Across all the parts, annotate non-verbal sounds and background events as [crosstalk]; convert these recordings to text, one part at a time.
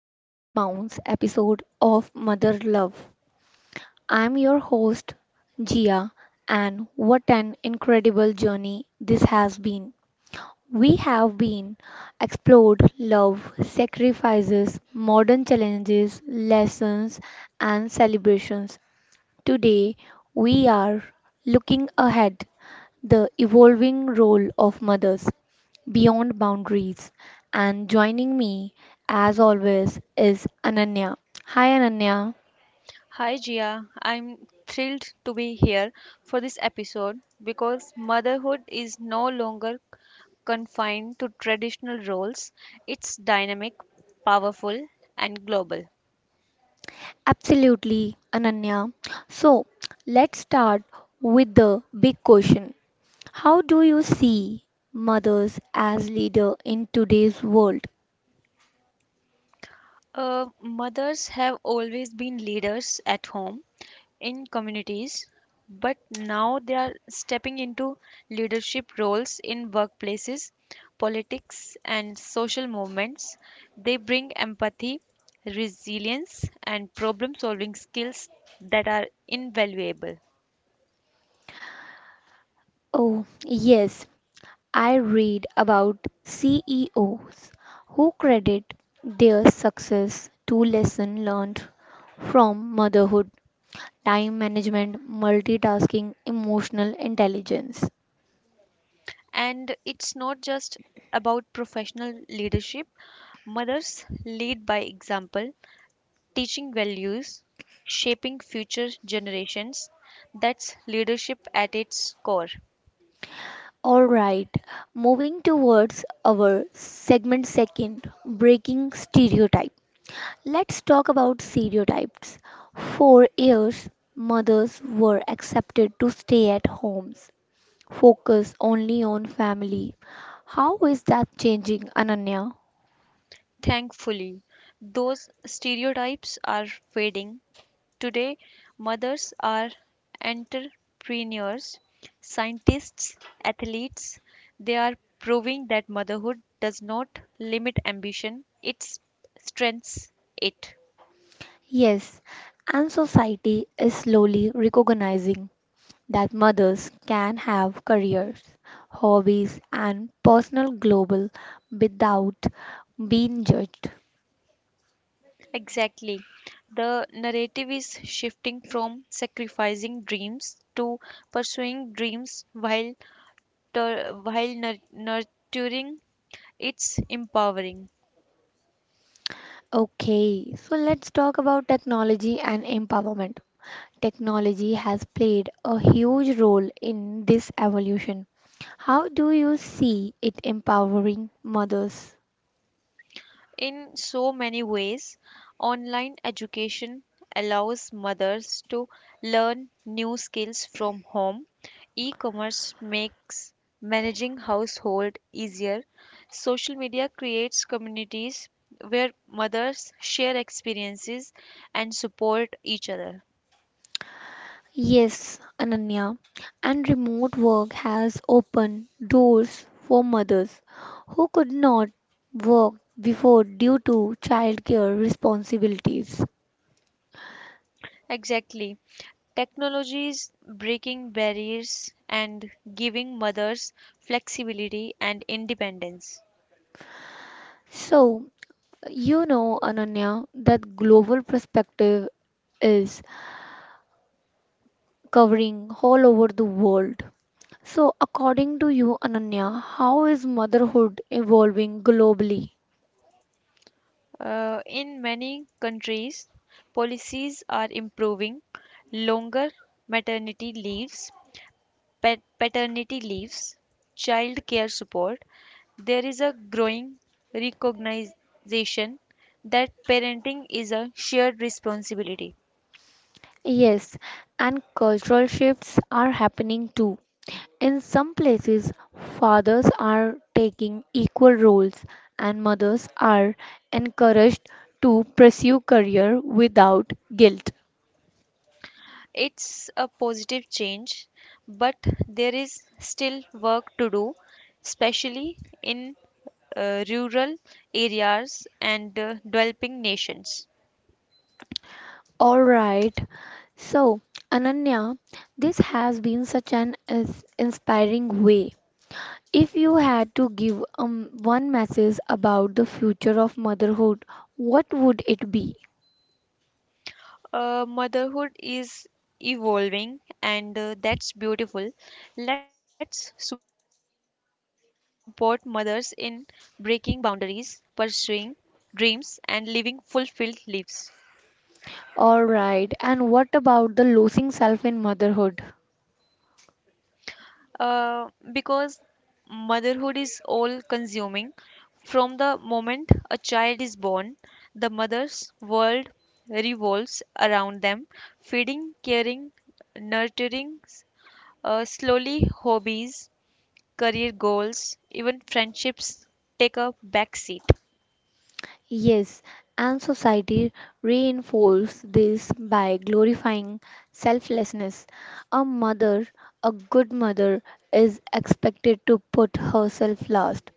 final bounce episode of Mother Love. I'm your host Gia, and what an incredible journey this has been. We have been explored love, sacrifices, modern challenges, lessons and celebrations. Today we are looking ahead the evolving role of mothers beyond boundaries. And joining me, as always, is Ananya. Hi, Ananya. Hi Jia. I'm thrilled to be here for this episode because motherhood is no longer confined to traditional roles. It's dynamic, powerful, and global. Absolutely, Ananya. So, let's start with the big question. How do you see mothers as leader in today's world? Mothers have always been leaders at home, in communities, but now they are stepping into leadership roles in workplaces, politics, and social movements. They bring empathy, resilience, and problem solving skills that are invaluable. Oh, yes. I read about CEOs who credit their success to lessons learned from motherhood, time management, multitasking, emotional intelligence. And it's not just about professional leadership, mothers lead by example teaching values, shaping future generations. That's leadership at its core. All right, moving towards our segment second, breaking stereotype. Let's talk about stereotypes. For years, mothers were accepted to stay at homes focus only on family. How is that changing, Ananya? Thankfully, those stereotypes are fading. Today, mothers are entrepreneurs, scientists, athletes. They are proving that motherhood does not limit ambition, it strengthens it. Yes, and society is slowly recognizing that mothers can have careers, hobbies, and personal global without being judged. Exactly. The narrative is shifting from sacrificing dreams to pursuing dreams while nurturing it's empowering. Okay, so let's talk about technology and empowerment. Technology has played a huge role in this evolution. How do you see it empowering mothers? In so many ways, online education allows mothers to learn new skills from home. E commerce makes managing household easier. Social media creates communities where mothers share experiences and support each other. Yes, Ananya. And remote work has opened doors for mothers who could not work before due to childcare responsibilities. Exactly. Technology is breaking barriers and giving mothers flexibility and independence. So, you know, Ananya, that global perspective is covering all over the world. So, according to you, Ananya, how is motherhood evolving globally? In many countries, policies are improving longer maternity leaves, paternity leaves, child care support. There is a growing recognition that parenting is a shared responsibility. Yes, and cultural shifts are happening too. In some places, fathers are taking equal roles and mothers are encouraged to pursue career without guilt. It's a positive change, but there is still work to do, especially in rural areas and developing nations. All right. So, Ananya, this has been such an inspiring way. If you had to give one message about the future of motherhood, what would it be? Motherhood is evolving, and that's beautiful. Let's support mothers in breaking boundaries, pursuing dreams, and living fulfilled lives. All right, and what about the losing self in motherhood? Because motherhood is all consuming. From the moment a child is born, the mother's world revolves around them, feeding, caring, nurturing, slowly hobbies career goals, even friendships take a back seat. Yes, and society reinforces this by glorifying selflessness. A mother, a good mother, is expected to put herself last.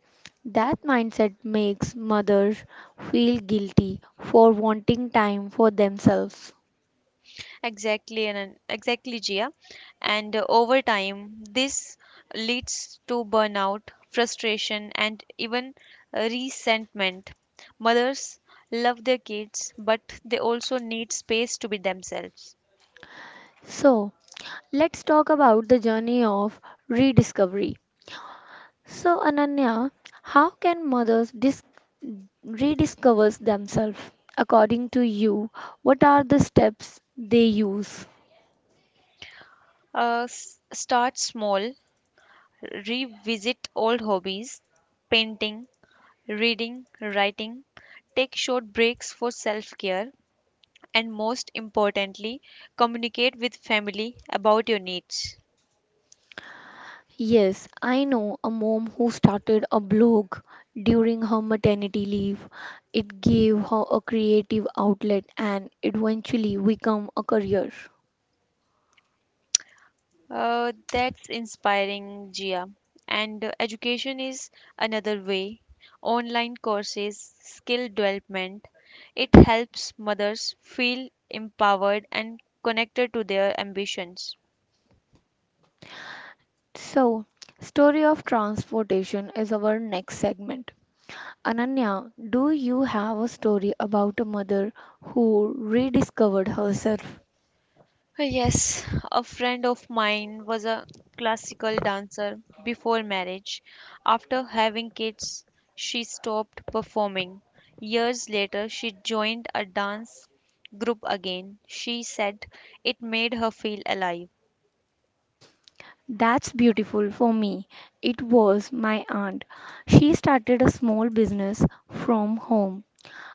That mindset makes mothers feel guilty for wanting time for themselves. Exactly, and exactly, Gia. And over time, this leads to burnout, frustration, and even resentment. Mothers love their kids, but they also need space to be themselves. So, let's talk about the journey of rediscovery. So, Ananya, how can mothers rediscover themselves? According to you, what are the steps they use? Start small, revisit old hobbies, painting, reading, writing. Take short breaks for self care and most importantly, communicate with family about your needs. Yes, I know a mom who started a blog during her maternity leave. It gave her a creative outlet and eventually become a career. That's inspiring, Gia. And education is another way. Online courses, skill development, it helps mothers feel empowered and connected to their ambitions. So, story of transportation is our next segment. Ananya, do you have a story about a mother who rediscovered herself? Yes, a friend of mine was a classical dancer before marriage. After having kids, she stopped performing. Years later, she joined a dance group again. She said it made her feel alive. That's beautiful for me. It was my aunt. She started a small business from home.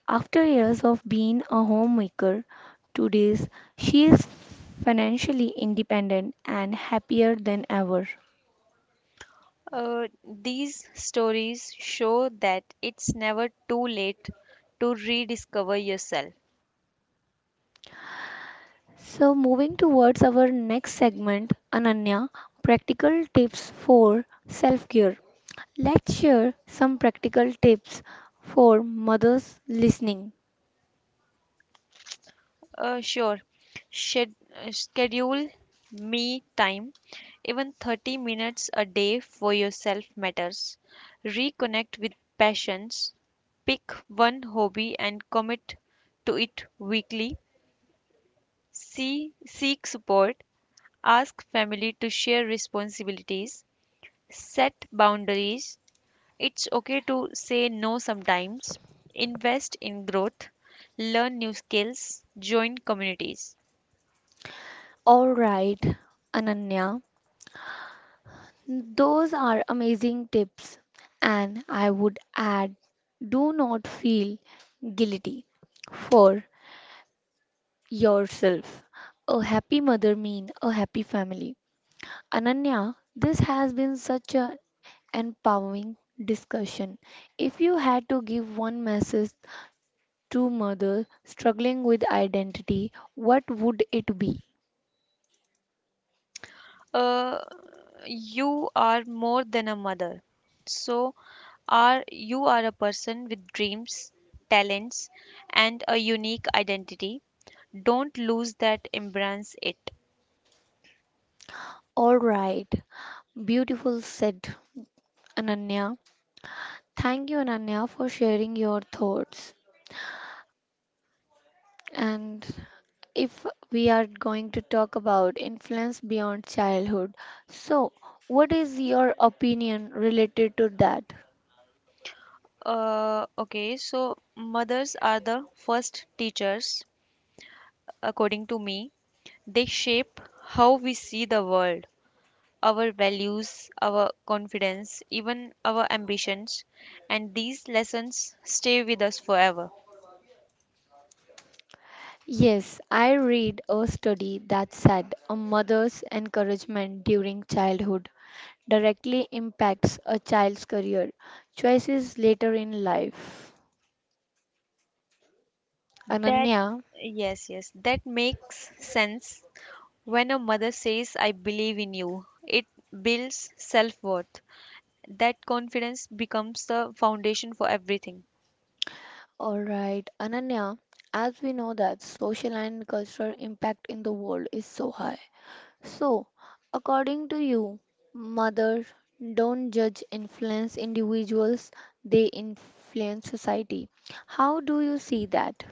After years of being a homemaker, today she is financially independent and happier than ever. These stories show that it's never too late to rediscover yourself. So, moving towards our next segment, Ananya, practical tips for self care. Let's share some practical tips for mothers listening. Sure. Shed, Schedule me time. Even 30 minutes a day for yourself matters. Reconnect with passions. Pick one hobby and commit to it weekly. Seek support. Ask family to share responsibilities. Set boundaries. It's okay to say no sometimes. Invest in growth. Learn new skills. Join communities. All right, Ananya, those are amazing tips, and I would add, do not feel guilty for yourself. A happy mother means a happy family. Ananya, this has been such a empowering discussion. If you had to give one message to mother struggling with identity, what would it be? uh, you are more than a mother so are you are a person with dreams talents and a unique identity don't lose that embrace it. All right. Beautiful said Ananya. Thank you, Ananya, for sharing your thoughts. And if we are going to talk about influence beyond childhood, so what is your opinion related to that? Okay, so mothers are the first teachers according to me they shape how we see the world our values our confidence even our ambitions and these lessons stay with us forever. Yes, I read a study that said a mother's encouragement during childhood directly impacts a child's career choices later in life. That, Ananya, yes, yes, that makes sense. When a mother says, I believe in you, it builds self worth. That confidence becomes the foundation for everything. all right, Ananya, as we know that social and cultural impact in the world is so high. So, according to you, mother, don't judge influence individuals, they influence society. How do you see that?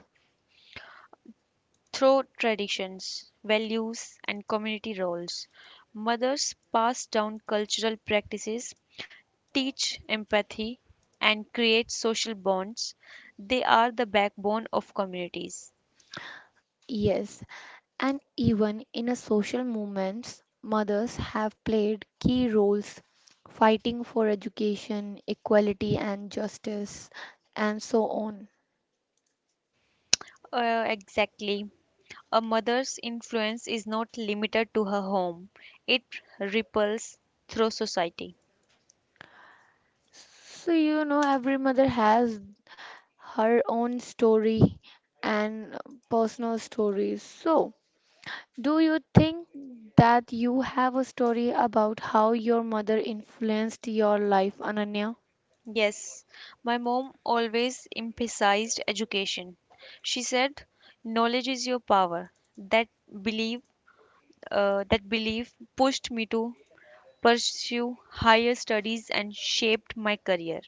Through traditions, values, and community roles, mothers pass down cultural practices, teach empathy, and create social bonds. They are the backbone of communities. Yes, and even in a social movements, mothers have played key roles fighting for education, equality and justice and so on. Exactly. A mother's influence is not limited to her home, it ripples through society. So you know every mother has her own story and personal stories. So do you think that you have a story about how your mother influenced your life, Ananya? Yes, my mom always emphasized education. She said, "Knowledge is your power." That belief, that belief pushed me to pursue higher studies and shaped my career.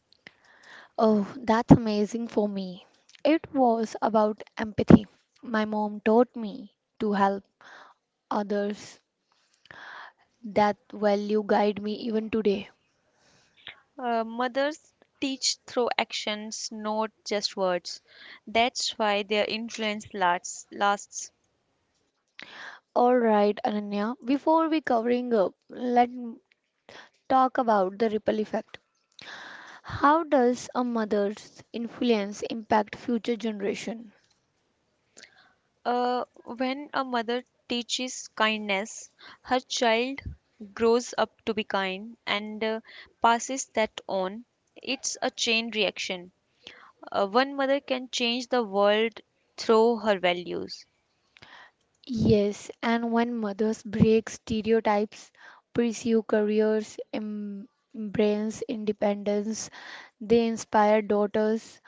Oh, that's amazing for me. It was about empathy. My mom taught me to help others. That value guide me even today. Mothers teach through actions, not just words. That's why their influence lasts. All right, Ananya, before we covering up, let's talk about the ripple effect. How does a mother's influence impact future generation? When a mother teaches kindness, her child grows up to be kind and passes that on. It's a chain reaction. One mother can change the world through her values. Yes, and when mothers break stereotypes, pursue careers, embrace independence, they inspire daughters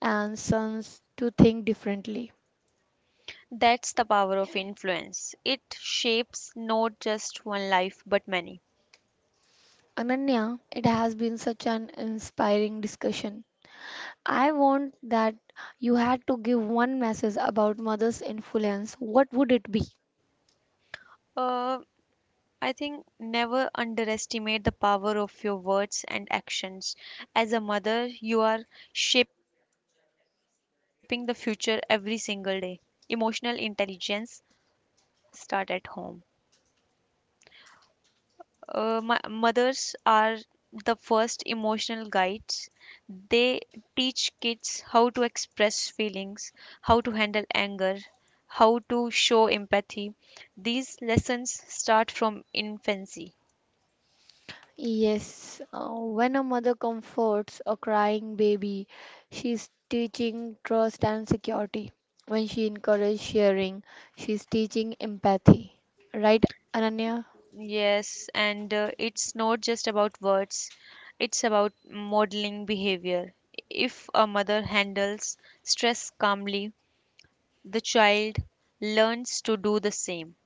and sons to think differently. That's the power of influence. It shapes not just one life but many. Ananya, it has been such an inspiring discussion. I want that you had to give one message about mother's influence. What would it be? Uh, I think never underestimate the power of your words and actions. As a mother, you are shaping the future every single day. Emotional intelligence start at home. Mothers are the first emotional guides. They teach kids how to express feelings, how to handle anger, how to show empathy. These lessons start from infancy. Yes, when a mother comforts a crying baby, she's teaching trust and security. When she encourages sharing, she's teaching empathy. Right, Ananya? Yes, and it's not just about words, it's about modeling behavior. If a mother handles stress calmly, the child learns to do the same.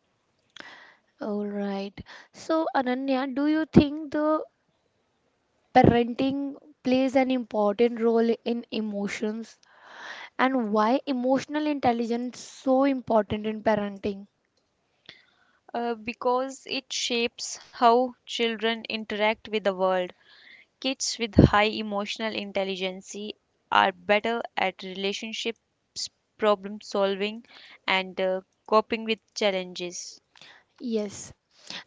All right. So, Ananya, do you think the parenting plays an important role in emotions? And why emotional intelligence so important in parenting? Because it shapes how children interact with the world. Kids with high emotional intelligence are better at relationships, problem solving, and coping with challenges. Yes,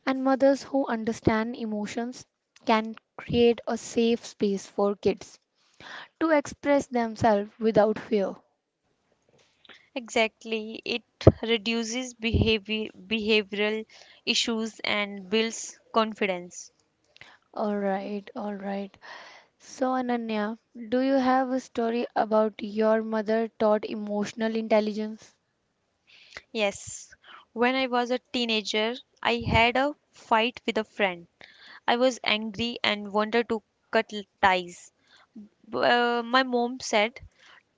and mothers who understand emotions can create a safe space for kids to express themselves without fear. Exactly, it reduces behavioral issues and builds confidence. All right, all right. So, Ananya, do you have a story about your mother taught emotional intelligence? Yes, when I was a teenager, I had a fight with a friend. I was angry and wanted to ties. My mom said,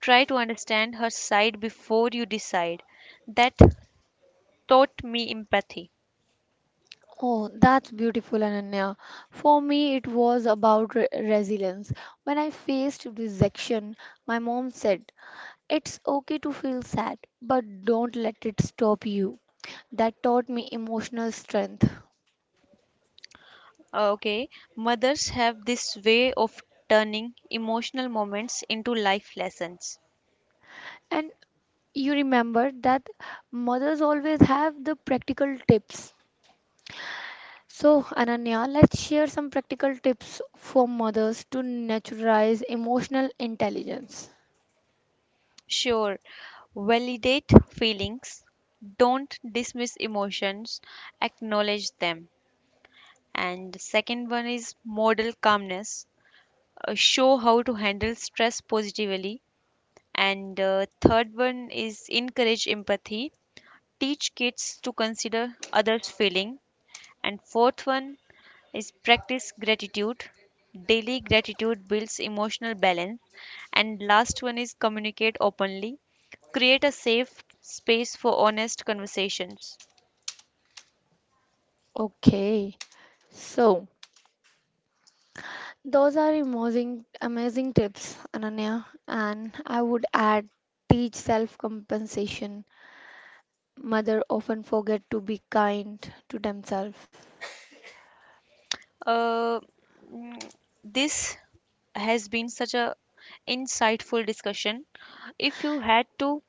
try to understand her side before you decide. That taught me empathy. Oh, that's beautiful, Ananya. For me, it was about resilience. When I faced rejection, my mom said, It's okay to feel sad, but don't let it stop you. That taught me emotional strength. Okay, mothers have this way of turning emotional moments into life lessons. And you remember that mothers always have the practical tips. So, Ananya, let's share some practical tips for mothers to naturalize emotional intelligence. Sure, validate feelings, don't dismiss emotions, acknowledge them. And the second one is model calmness, show how to handle stress positively. And third one is encourage empathy, teach kids to consider others' feeling. And fourth one is practice gratitude. Daily gratitude builds emotional balance. And last one is communicate openly. Create a safe space for honest conversations. Okay, so those are amazing tips, Ananya, and I would add teach self compensation mother often forget to be kind to themselves. Uh, mm, this has been such a insightful discussion. If you had to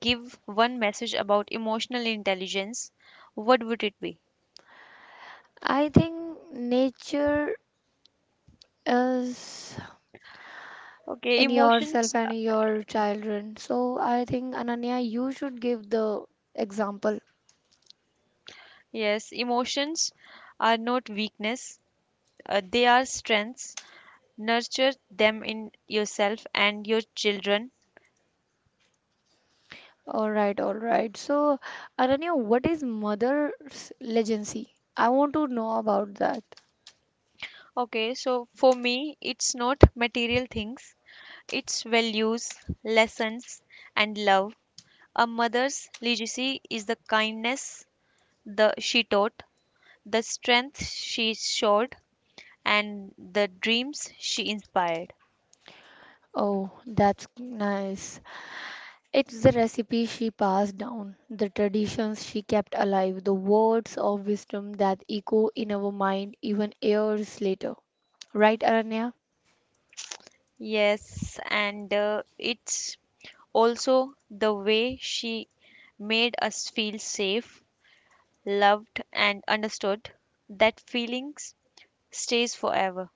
give one message about emotional intelligence, what would it be? I think nature is Okay, in emotions. yourself and your children. So I think Ananya, you should give the example. Yes, emotions are not weakness. They are strengths nurture them in yourself and your children. All right, all right. So Ananya, what is mother's legacy? I want to know about that. Okay so for me it's not material things it's values lessons and love a mother's legacy is the kindness the she taught the strength she showed and the dreams she inspired. Oh, that's nice. It's the recipe she passed down, the traditions she kept alive, the words of wisdom that echo in our mind even years later. Right, Aranya? Yes and it's also the way she made us feel safe loved and understood that feelings stays forever.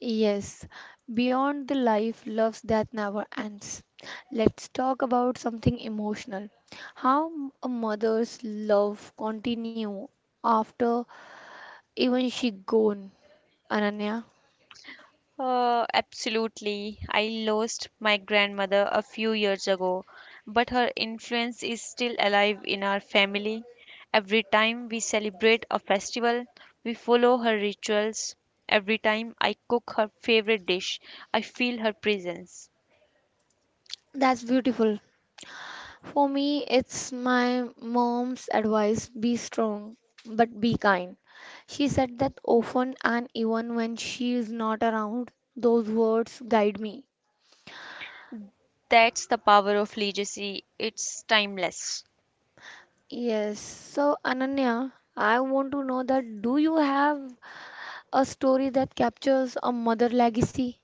Yes, beyond the life, loves that never ends. Let's talk about something emotional. How a mother's love continue after even she gone, Ananya? Absolutely. I lost my grandmother a few years ago, but her influence is still alive in our family. Every time we celebrate a festival, we follow her rituals. Every time I cook her favorite dish, I feel her presence. That's beautiful. For me, it's my mom's advice, be strong but be kind. She said that often, and even when she is not around, those words guide me. That's the power of legacy. It's timeless. Yes, so Ananya, I want to know that do you have a story that captures a mother legacy?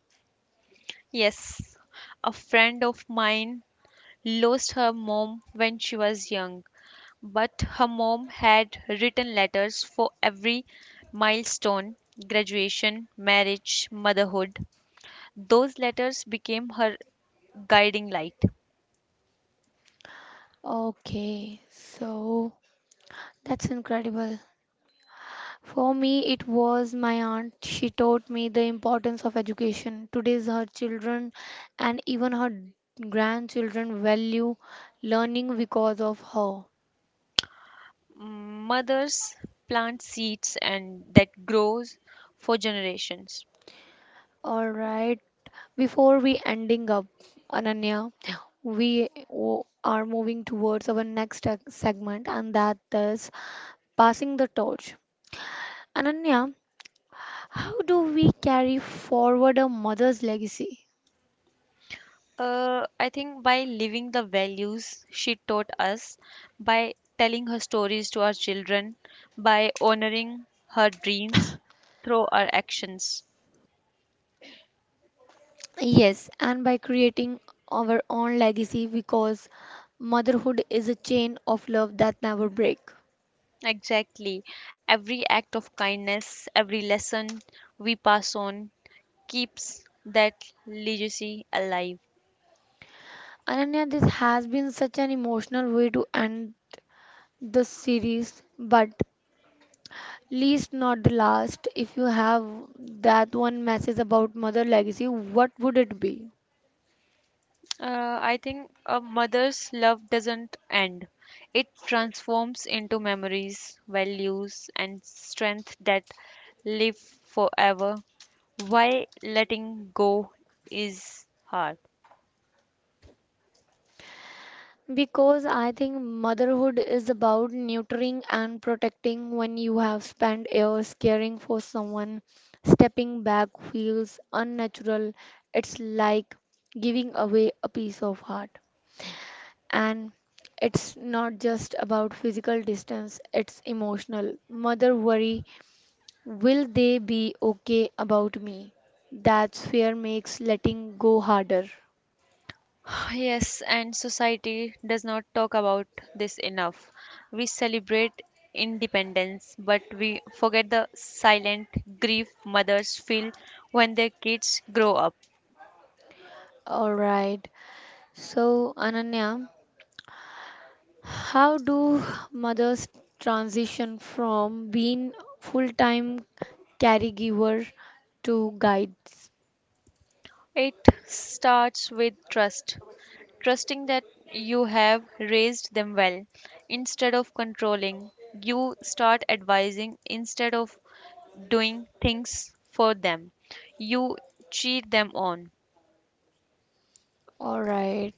Yes, a friend of mine lost her mom when she was young. But her mom had written letters for every milestone graduation, marriage, motherhood. Those letters became her guiding light. Okay, so that's incredible. For me, it was my aunt. She taught me the importance of education. Today's her children and even her grandchildren value learning because of her. Mm, mothers plant seeds and that grows for generations. All right. Before we ending up, Ananya, we are moving towards our next segment, and that is passing the torch. Ananya, how do we carry forward a mother's legacy? I think by living the values she taught us, by telling her stories to our children, by honoring her dreams through our actions. Yes, and by creating our own legacy because motherhood is a chain of love that never break. Exactly. Every act of kindness, every lesson we pass on keeps that legacy alive. Ananya, this has been such an emotional way to end the series, but least not the last. If you have that one message about mother legacy, what would it be? I think a mother's love doesn't end, it transforms into memories, values, and strength that live forever. Why letting go is hard? Because I think motherhood is about nurturing and protecting when you have spent years caring for someone. Stepping back feels unnatural. It's like giving away a piece of heart. And it's not just about physical distance, it's emotional. Mother worry, will they be okay about me? That's fear makes letting go harder. [sighs] Yes, and society does not talk about this enough. We celebrate independence, but we forget the silent grief mothers feel when their kids grow up. All right. So, Ananya. How do mothers transition from being full-time caregiver to guides? It starts with trust, trusting that you have raised them well. Instead of controlling, you start advising instead of doing things for them. You cheer them on. All right.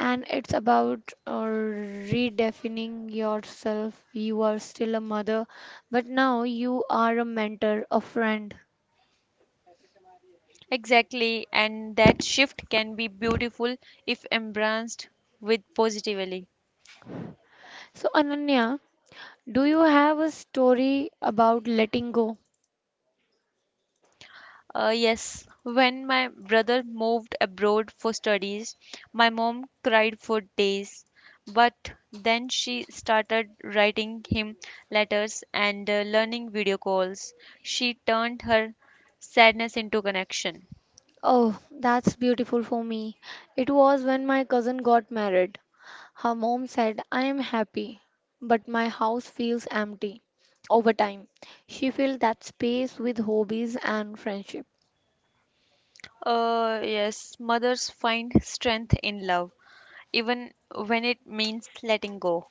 And it's about uh, redefining yourself. You are still a mother, but now you are a mentor, a friend. Exactly, and that shift can be beautiful if embraced with positively. So, Ananya, do you have a story about letting go? Yes, when my brother moved abroad for studies, my mom cried for days. But then she started writing him letters and learning video calls. She turned her sadness into connection. Oh, that's beautiful for me. It was when my cousin got married. Her mom said, I am happy, but my house feels empty. Over time, she filled that space with hobbies and friendship. Yes, mothers find strength in love, even when it means letting go.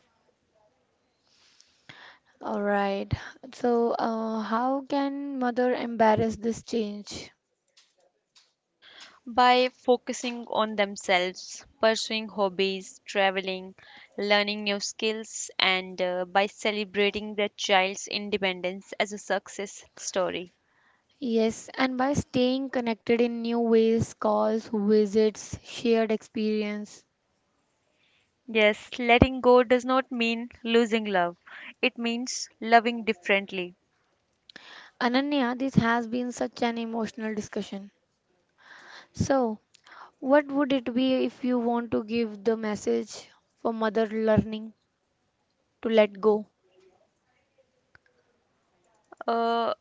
All right. So, how can mother embrace this change? By focusing on themselves, pursuing hobbies, traveling, learning new skills, and by celebrating their child's independence as a success story. Yes, and by staying connected in new ways, calls, visits, shared experience. Yes, letting go does not mean losing love, it means loving differently. Ananya, this has been such an emotional discussion. So, what would it be if you want to give the message for mother learning to let go? Uh,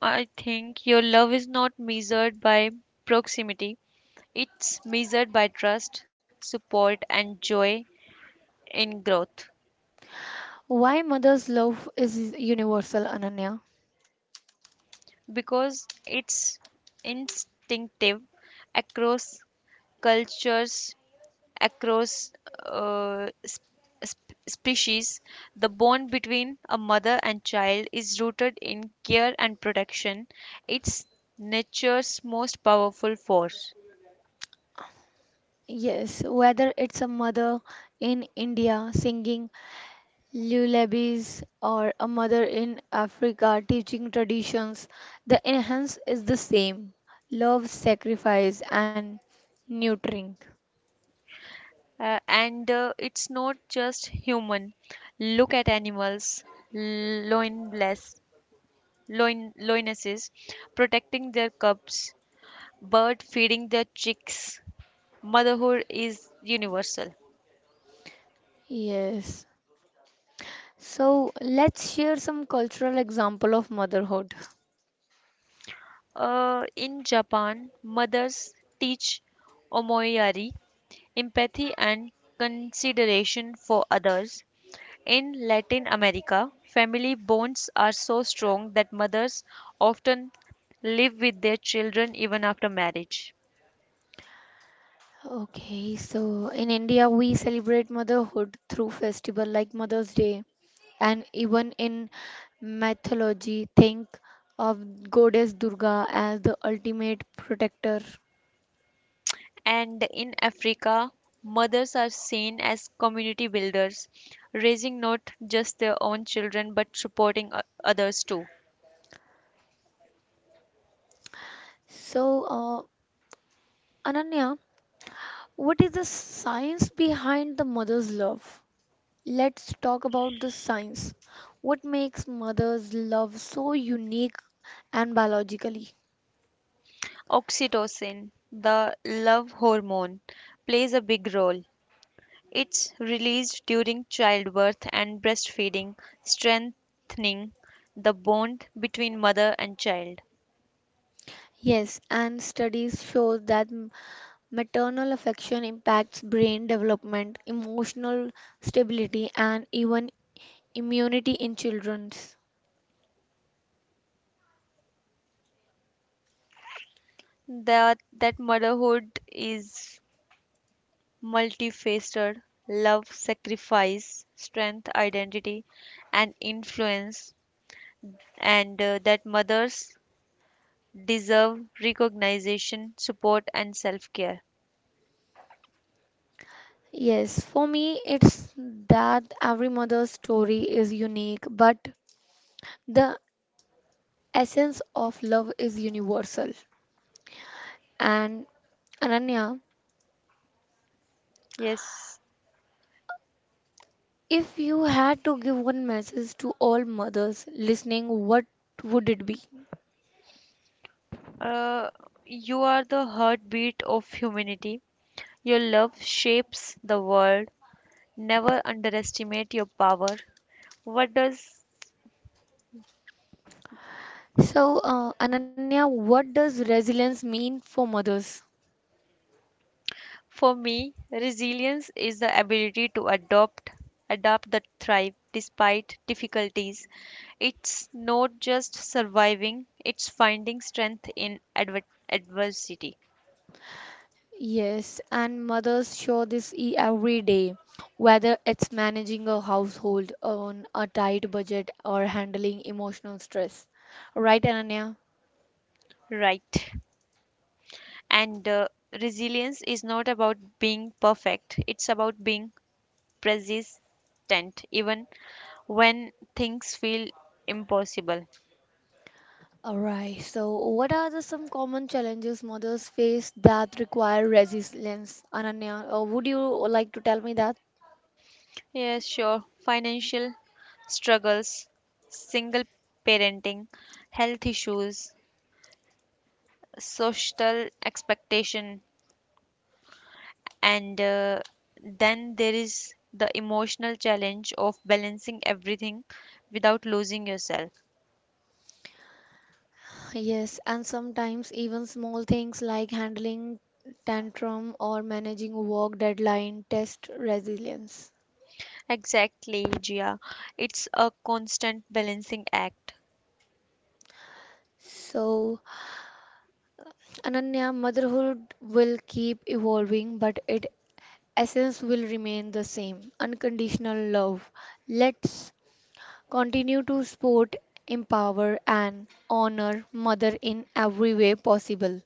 I think your love is not measured by proximity, it's measured by trust, support, and joy in growth. Why mother's love is universal, Ananya? Because it's instinctive across cultures, across species. The bond between a mother and child is rooted in care and protection. It's nature's most powerful force. Yes, whether it's a mother in India singing lullabies or a mother in Africa teaching traditions, the enhance is the same. Love, sacrifice, and nurturing. And it's not just human. Look at animals, loinless, loinesses, protecting their cubs, bird feeding their chicks, motherhood is universal. Yes. So let's share some cultural example of motherhood. In Japan, mothers teach omoyari, empathy and consideration for others. In Latin America, family bonds are so strong that mothers often live with their children even after marriage. Okay, so in India, we celebrate motherhood through festival like Mother's Day, and even in mythology, think of goddess Durga as the ultimate protector. And in Africa, mothers are seen as community builders, raising not just their own children but supporting others too. So, Ananya, what is the science behind the mother's love? Let's talk about the science. What makes mother's love so unique and biologically? Oxytocin, the love hormone, plays a big role. It's released during childbirth and breastfeeding, strengthening the bond between mother and child. Yes, and studies show that Maternal affection impacts brain development, emotional stability, and even immunity in children. That motherhood is multifaceted love, sacrifice, strength, identity, and influence, and that mothers deserve recognition, support, and self care. Yes, for me, it's that every mother's story is unique, but the essence of love is universal. And Ananya, Yes. if you had to give one message to all mothers listening, what would it be? Uh, you are the heartbeat of humanity. Your love shapes the world. Never underestimate your power. What does So, Ananya, what does resilience mean for mothers? for me, resilience is the ability to adapt the thrive despite difficulties. It's not just surviving, it's finding strength in adversity. Yes, and mothers show this every day, whether it's managing a household on a tight budget or handling emotional stress. Right, Ananya? Right. And resilience is not about being perfect, it's about being persistent even when things feel impossible. All right, so what are the some common challenges mothers face that require resilience? Ananya, would you like to tell me that? Yes, sure. Financial struggles, single parenting, health issues, social expectation, and then there is the emotional challenge of balancing everything without losing yourself. Yes, and sometimes even small things like handling tantrum or managing work deadline test resilience. Exactly, Gia. It's a constant balancing act. So, Ananya, motherhood will keep evolving, but its essence will remain the same unconditional love. Let's continue to support, empower, and honor Mother in every way possible.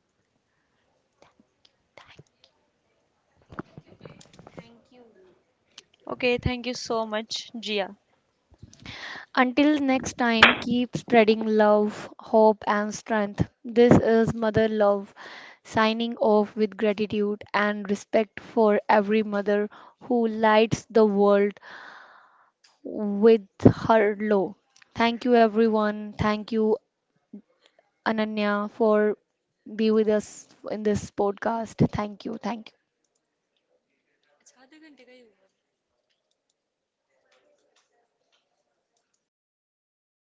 Okay, thank you so much, Gia. Until next time, keep spreading love, hope, and strength. This is Mother Love signing off with gratitude and respect for every mother who lights the world with her low. Thank you, everyone. Thank you, Ananya, for be with us in this podcast. Thank you. Thank you.